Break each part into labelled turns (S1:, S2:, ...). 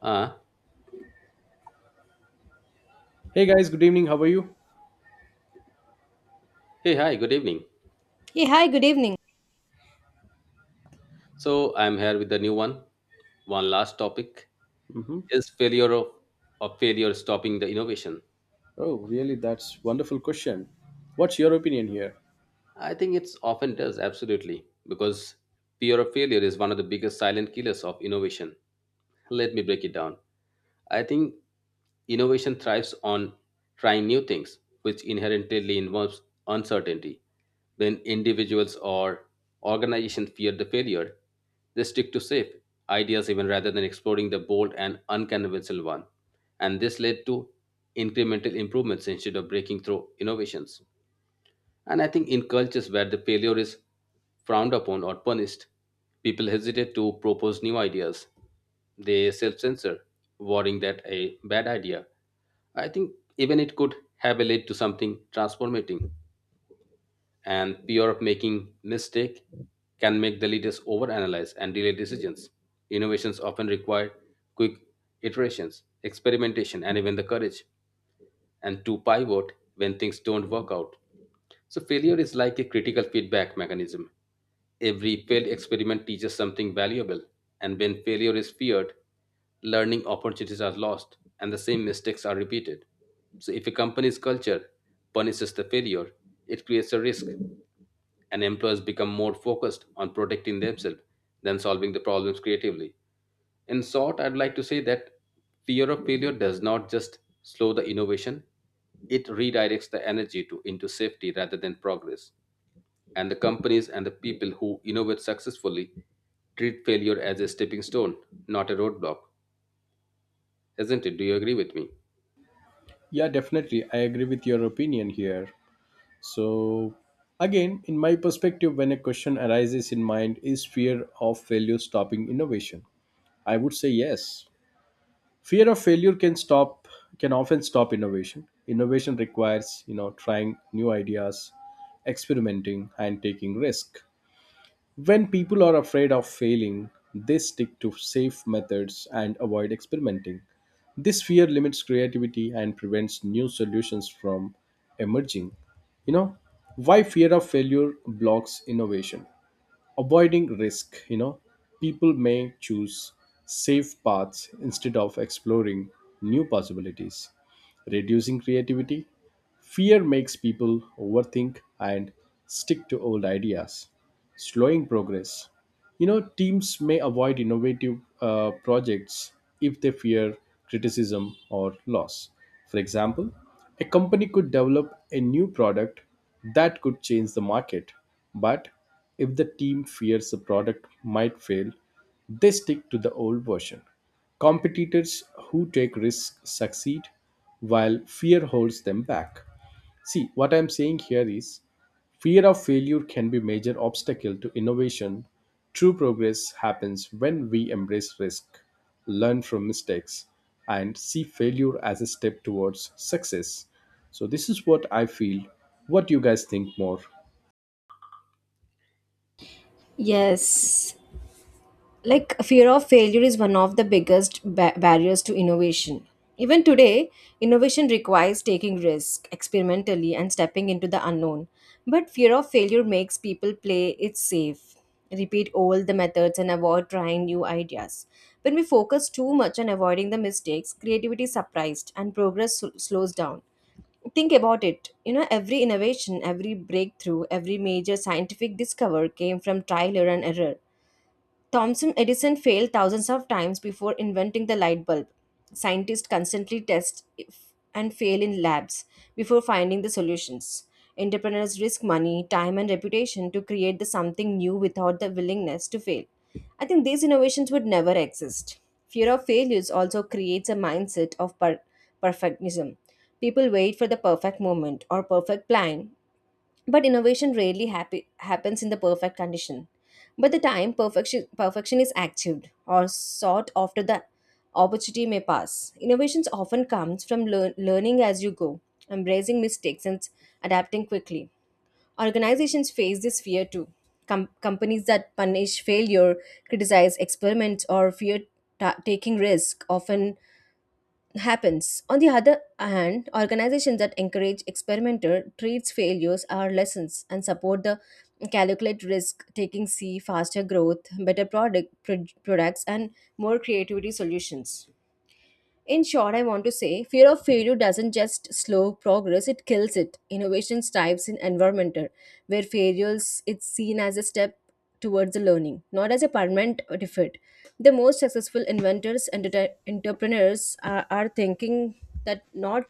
S1: Uh,
S2: Hey guys, good evening. How are you?
S1: Hey, hi, good evening.
S3: Hey, hi, good evening.
S1: So I'm here with the new one. One last topic
S2: hmm
S1: is failure of failure stopping the innovation.
S2: Oh, really? That's wonderful question. What's your opinion here?
S1: I think it's often does absolutely because fear of failure is one of the biggest silent killers of innovation. Let me break it down. I think innovation thrives on trying new things, which inherently involves uncertainty. When individuals or organizations fear the failure, they stick to safe ideas even rather than exploring the bold and unconventional one. And this led to incremental improvements instead of breaking through innovations. And I think in cultures where the failure is frowned upon or punished, people hesitate to propose new ideas. They self censor, worrying that a bad idea, I think even it could have a lead to something transformating. And fear of making mistake can make the leaders overanalyze and delay decisions. Innovations often require quick iterations, experimentation, and even the courage and to pivot when things don't work out. So, failure is like a critical feedback mechanism. Every failed experiment teaches something valuable, and when failure is feared, learning opportunities are lost and the same mistakes are repeated. So, if a company's culture punishes the failure, it creates a risk, and employers become more focused on protecting themselves than solving the problems creatively. In short, I'd like to say that fear of failure does not just slow the innovation, it redirects the energy to into safety rather than progress. And the companies and the people who innovate successfully treat failure as a stepping stone, not a roadblock. Isn't it? Do you agree with me?
S2: Yeah, definitely. I agree with your opinion here. So, again, in my perspective, when a question arises in mind, is fear of failure stopping innovation? I would say yes. Fear of failure can stop can often stop innovation. Innovation requires, you know, trying new ideas, experimenting and taking risk. When people are afraid of failing, they stick to safe methods and avoid experimenting. This fear limits creativity and prevents new solutions from emerging. You know, why fear of failure blocks innovation? Avoiding risk, you know, people may choose safe paths instead of exploring new possibilities, reducing creativity. Fear makes people overthink and stick to old ideas, slowing progress. You know, teams may avoid innovative projects if they fear criticism or loss. For example, a company could develop a new product that could change the market, but if the team fears the product might fail, they stick to the old version. Competitors who take risks succeed, while fear holds them back. See, what I'm saying here is fear of failure can be major obstacle to innovation. True progress happens when we embrace risk, learn from mistakes, and see failure as a step towards success. So this is what I feel. What do you guys think more?
S3: Yes, like, fear of failure is one of the biggest barriers to innovation even today. Innovation requires taking risk experimentally and stepping into the unknown, but fear of failure makes people play it safe, repeat all the methods and avoid trying new ideas. When we focus too much on avoiding the mistakes, creativity is suppressed and progress slows down. Think about it, you know, every innovation, every breakthrough, every major scientific discovery came from trial and error. Thomson Edison failed thousands of times before inventing the light bulb. Scientists constantly test and fail in labs before finding the solutions. Entrepreneurs risk money, time, and reputation to create the something new without the willingness to fail. I think these innovations would never exist. Fear of failures also creates a mindset of perfectionism. People wait for the perfect moment or perfect plan, but innovation rarely happens in the perfect condition. By the time perfection is achieved or sought after, the opportunity may pass. Innovations often comes from learning as you go, embracing mistakes and adapting quickly. Organizations face this fear too. Companies that punish failure, criticize experiments, or fear taking risk often happens. On the other hand, organizations that encourage experimenter treats failures are lessons and support the calculate risk taking see faster growth, better products and more creativity solutions. In short, I want to say fear of failure doesn't just slow progress, it kills it. Innovation thrives in environmental, where failures it's seen as a step towards the learning, not as a permanent defeat. The most successful inventors and entrepreneurs are thinking that not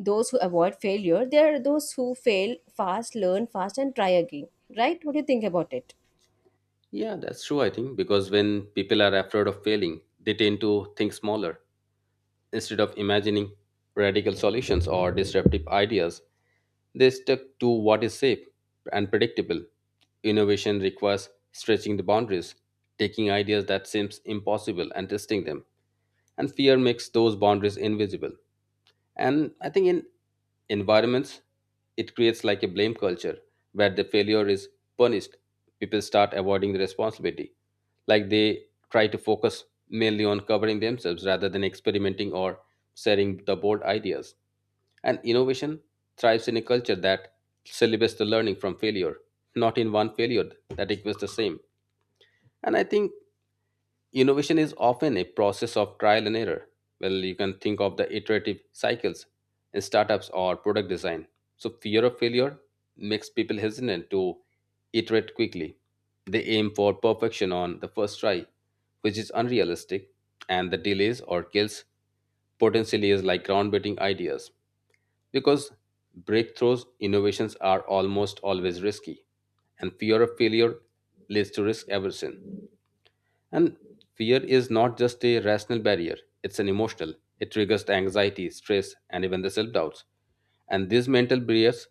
S3: those who avoid failure, they are those who fail fast, learn fast, and try again. Right? What do you think about it?
S1: Yeah, that's true, I think, because when people are afraid of failing, they tend to think smaller. Instead of imagining radical solutions or disruptive ideas, they stuck to what is safe and predictable. Innovation requires stretching the boundaries, taking ideas that seems impossible and testing them. And fear makes those boundaries invisible. And I think in environments, it creates like a blame culture where the failure is punished. People start avoiding the responsibility. Like they try to focus mainly on covering themselves rather than experimenting or sharing the bold ideas. And innovation thrives in a culture that celebrates the learning from failure, not in one failure that equals the same. And I think innovation is often a process of trial and error. Well, you can think of the iterative cycles in startups or product design. So, fear of failure makes people hesitant to iterate quickly. They aim for perfection on the first try, which is unrealistic, and the delays or kills potentially is like groundbreaking ideas because breakthroughs innovations are almost always risky and fear of failure leads to risk aversion and fear is not just a rational barrier, it's an emotional. It triggers the anxiety, stress, and even the self doubts. And these mental barriers,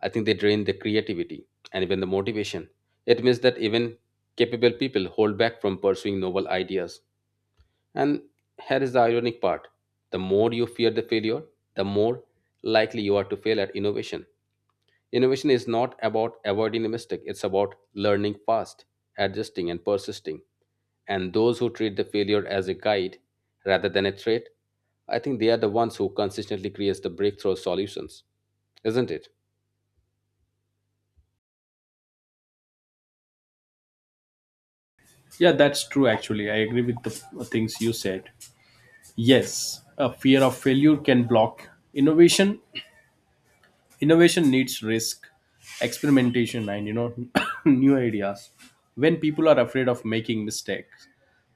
S1: I think they drain the creativity and even the motivation. It means that even capable people hold back from pursuing novel ideas. And here is the ironic part, the more you fear the failure, the more likely you are to fail at innovation. Innovation is not about avoiding a mistake, it's about learning fast, adjusting, and persisting. And those who treat the failure as a guide rather than a threat, I think they are the ones who consistently creates the breakthrough solutions, isn't it?
S2: Yeah, that's true. Actually, I agree with the things you said. Yes, a fear of failure can block innovation, innovation needs risk, experimentation, and you know new ideas. When people are afraid of making mistakes,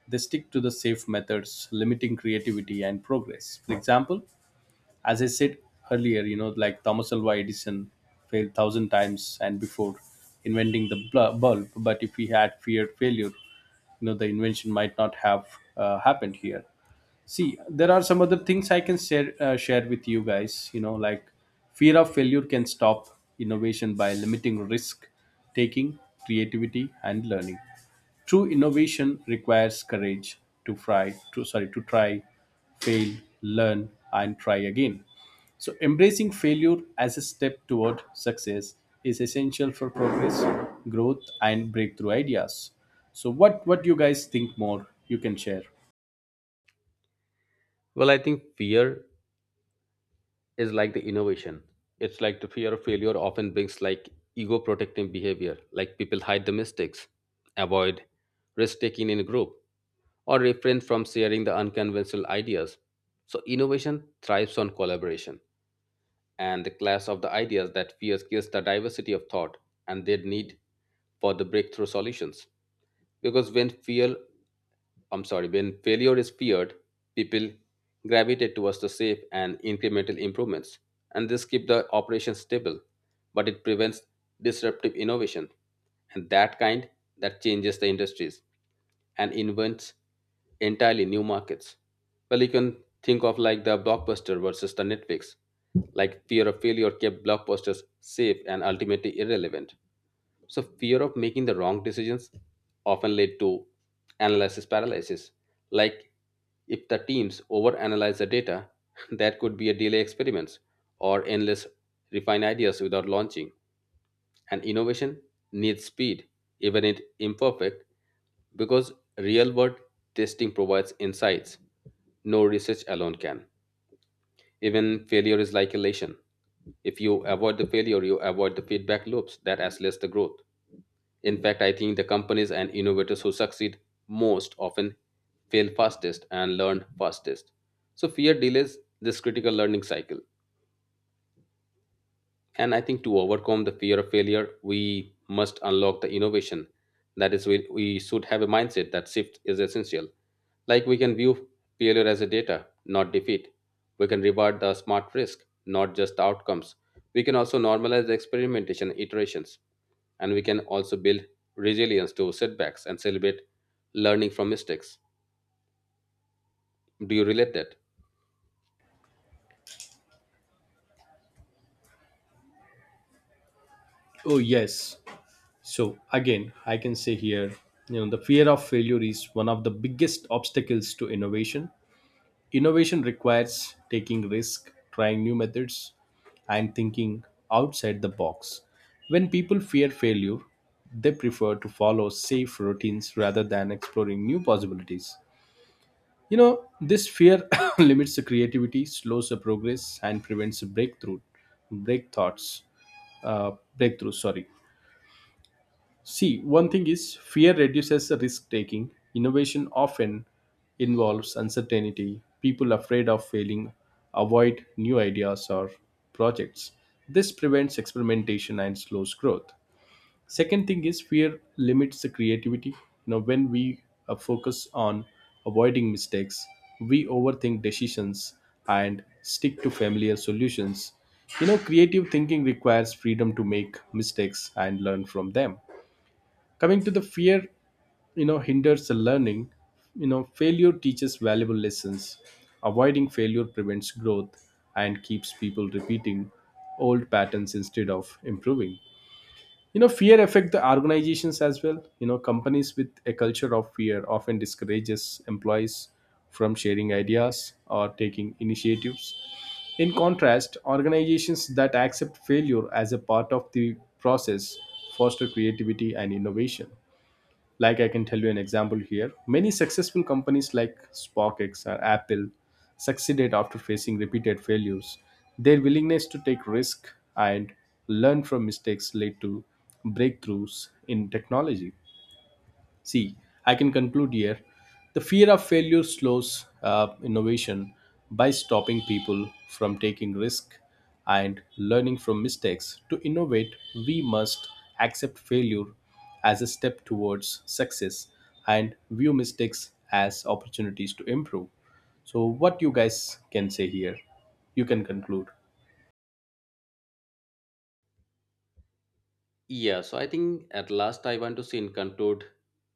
S2: they stick to the safe methods, limiting creativity and progress. For example, as I said earlier, you know, like Thomas Alva Edison failed thousand times and before inventing the bulb. But if he had feared failure, you know, the invention might not have happened here. See, there are some other things I can share with you guys, you know, like fear of failure can stop innovation by limiting risk taking, creativity, and learning. True innovation requires courage to try, fail, learn, and try again. So embracing failure as a step toward success is essential for progress, growth, and breakthrough ideas. So what do you guys think more? You can share.
S1: Well, I think fear is like the innovation. It's like the fear of failure often brings like ego protecting behavior, like people hide the mistakes, avoid risk taking in a group, or refrain from sharing the unconventional ideas. So, innovation thrives on collaboration, and the clash of the ideas that fears kills the diversity of thought and their need for the breakthrough solutions. Because when fear, I'm sorry, when failure is feared, people gravitate towards the safe and incremental improvements, and this keeps the operation stable, but it prevents disruptive innovation, and that kind that changes the industries and invents entirely new markets. Well, you can think of like the blockbuster versus the Netflix. Like fear of failure kept blockbusters safe and ultimately irrelevant. So fear of making the wrong decisions often led to analysis paralysis. Like if the teams overanalyze the data, that could be a delay experiments or endless refine ideas without launching. And innovation needs speed, even if imperfect, because real world testing provides insights no research alone can. Even failure is like elation. If you avoid the failure, you avoid the feedback loops that accelerates the growth. In fact, I think the companies and innovators who succeed most often fail fastest and learn fastest. So fear delays this critical learning cycle. And I think to overcome the fear of failure, we must unlock the innovation. That is, we should have a mindset that shift is essential. Like we can view failure as a data, not defeat. We can reward the smart risk, not just the outcomes. We can also normalize the experimentation and iterations. And we can also build resilience to setbacks and celebrate learning from mistakes. Do you relate that?
S2: Oh, yes. So again, I can say here, you know, the fear of failure is one of the biggest obstacles to innovation. Innovation requires taking risk, trying new methods, and thinking outside the box. When people fear failure, they prefer to follow safe routines rather than exploring new possibilities. You know, this fear limits the creativity, slows the progress, and prevents break thoughts, uh, breakthrough. Sorry. See, one thing is fear reduces risk taking. Innovation often involves uncertainty. People afraid of failing avoid new ideas or projects. This prevents experimentation and slows growth. Second thing is fear limits the creativity. You know, when we focus on avoiding mistakes, we overthink decisions and stick to familiar solutions. You know, creative thinking requires freedom to make mistakes and learn from them. Coming to the fear, you know, hinders the learning. You know, failure teaches valuable lessons. Avoiding failure prevents growth and keeps people repeating old patterns instead of improving. You know, fear affect the organizations as well. You know, companies with a culture of fear often discourages employees from sharing ideas or taking initiatives. In contrast, organizations that accept failure as a part of the process foster creativity and innovation. Like I can tell you an example here. Many successful companies like SparkX or Apple succeeded after facing repeated failures. Their willingness to take risk and learn from mistakes led to breakthroughs in technology. See, I can conclude here. The fear of failure slows innovation by stopping people from taking risk and learning from mistakes. To innovate, we must accept failure as a step towards success and view mistakes as opportunities to improve. So, what you guys can say here? You can conclude.
S1: Yeah, so I think at last I want to say in conclude,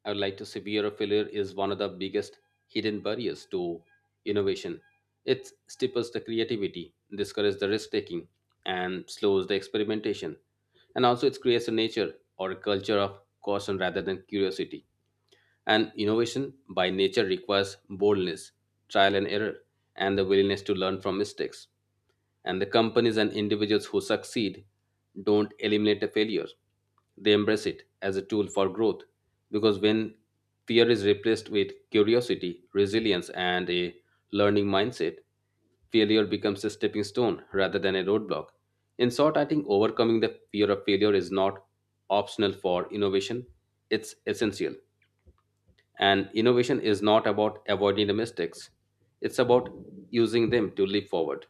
S1: I would like to say fear of failure is one of the biggest hidden barriers to innovation. It stifles the creativity, discourages the risk taking, and slows the experimentation. And also, it creates a nature or a culture of caution rather than curiosity. And innovation by nature requires boldness, trial and error, and the willingness to learn from mistakes. And the companies and individuals who succeed don't eliminate a failure, they embrace it as a tool for growth. Because when fear is replaced with curiosity, resilience, and a learning mindset, failure becomes a stepping stone rather than a roadblock. In short, I think overcoming the fear of failure is not optional for innovation, it's essential. And innovation is not about avoiding the mistakes, it's about using them to leap forward.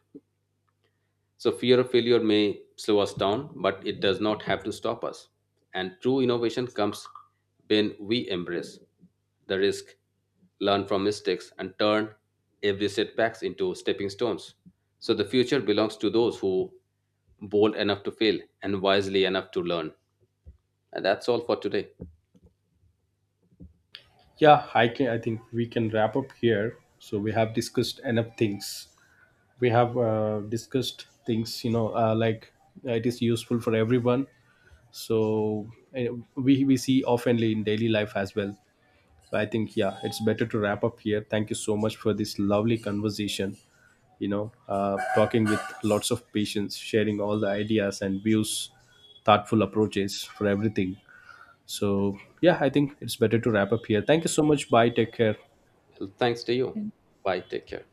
S1: So, fear of failure may slow us down, but it does not have to stop us. And true innovation comes when we embrace the risk, learn from mistakes, and turn every setbacks into stepping stones. So, the future belongs to those who bold enough to fail and wisely enough to learn. And that's all for today.
S2: Yeah, I can. I think we can wrap up here. So we have discussed enough things. We have discussed things, you know, like, it is useful for everyone. So we see oftenly in daily life as well. So I think, yeah, it's better to wrap up here. Thank you so much for this lovely conversation. You know, talking with lots of patience, sharing all the ideas and views, thoughtful approaches for everything. So yeah, I think it's better to wrap up here. Thank you so much. Bye. Take care.
S1: Well, thanks to you. Bye. Take care.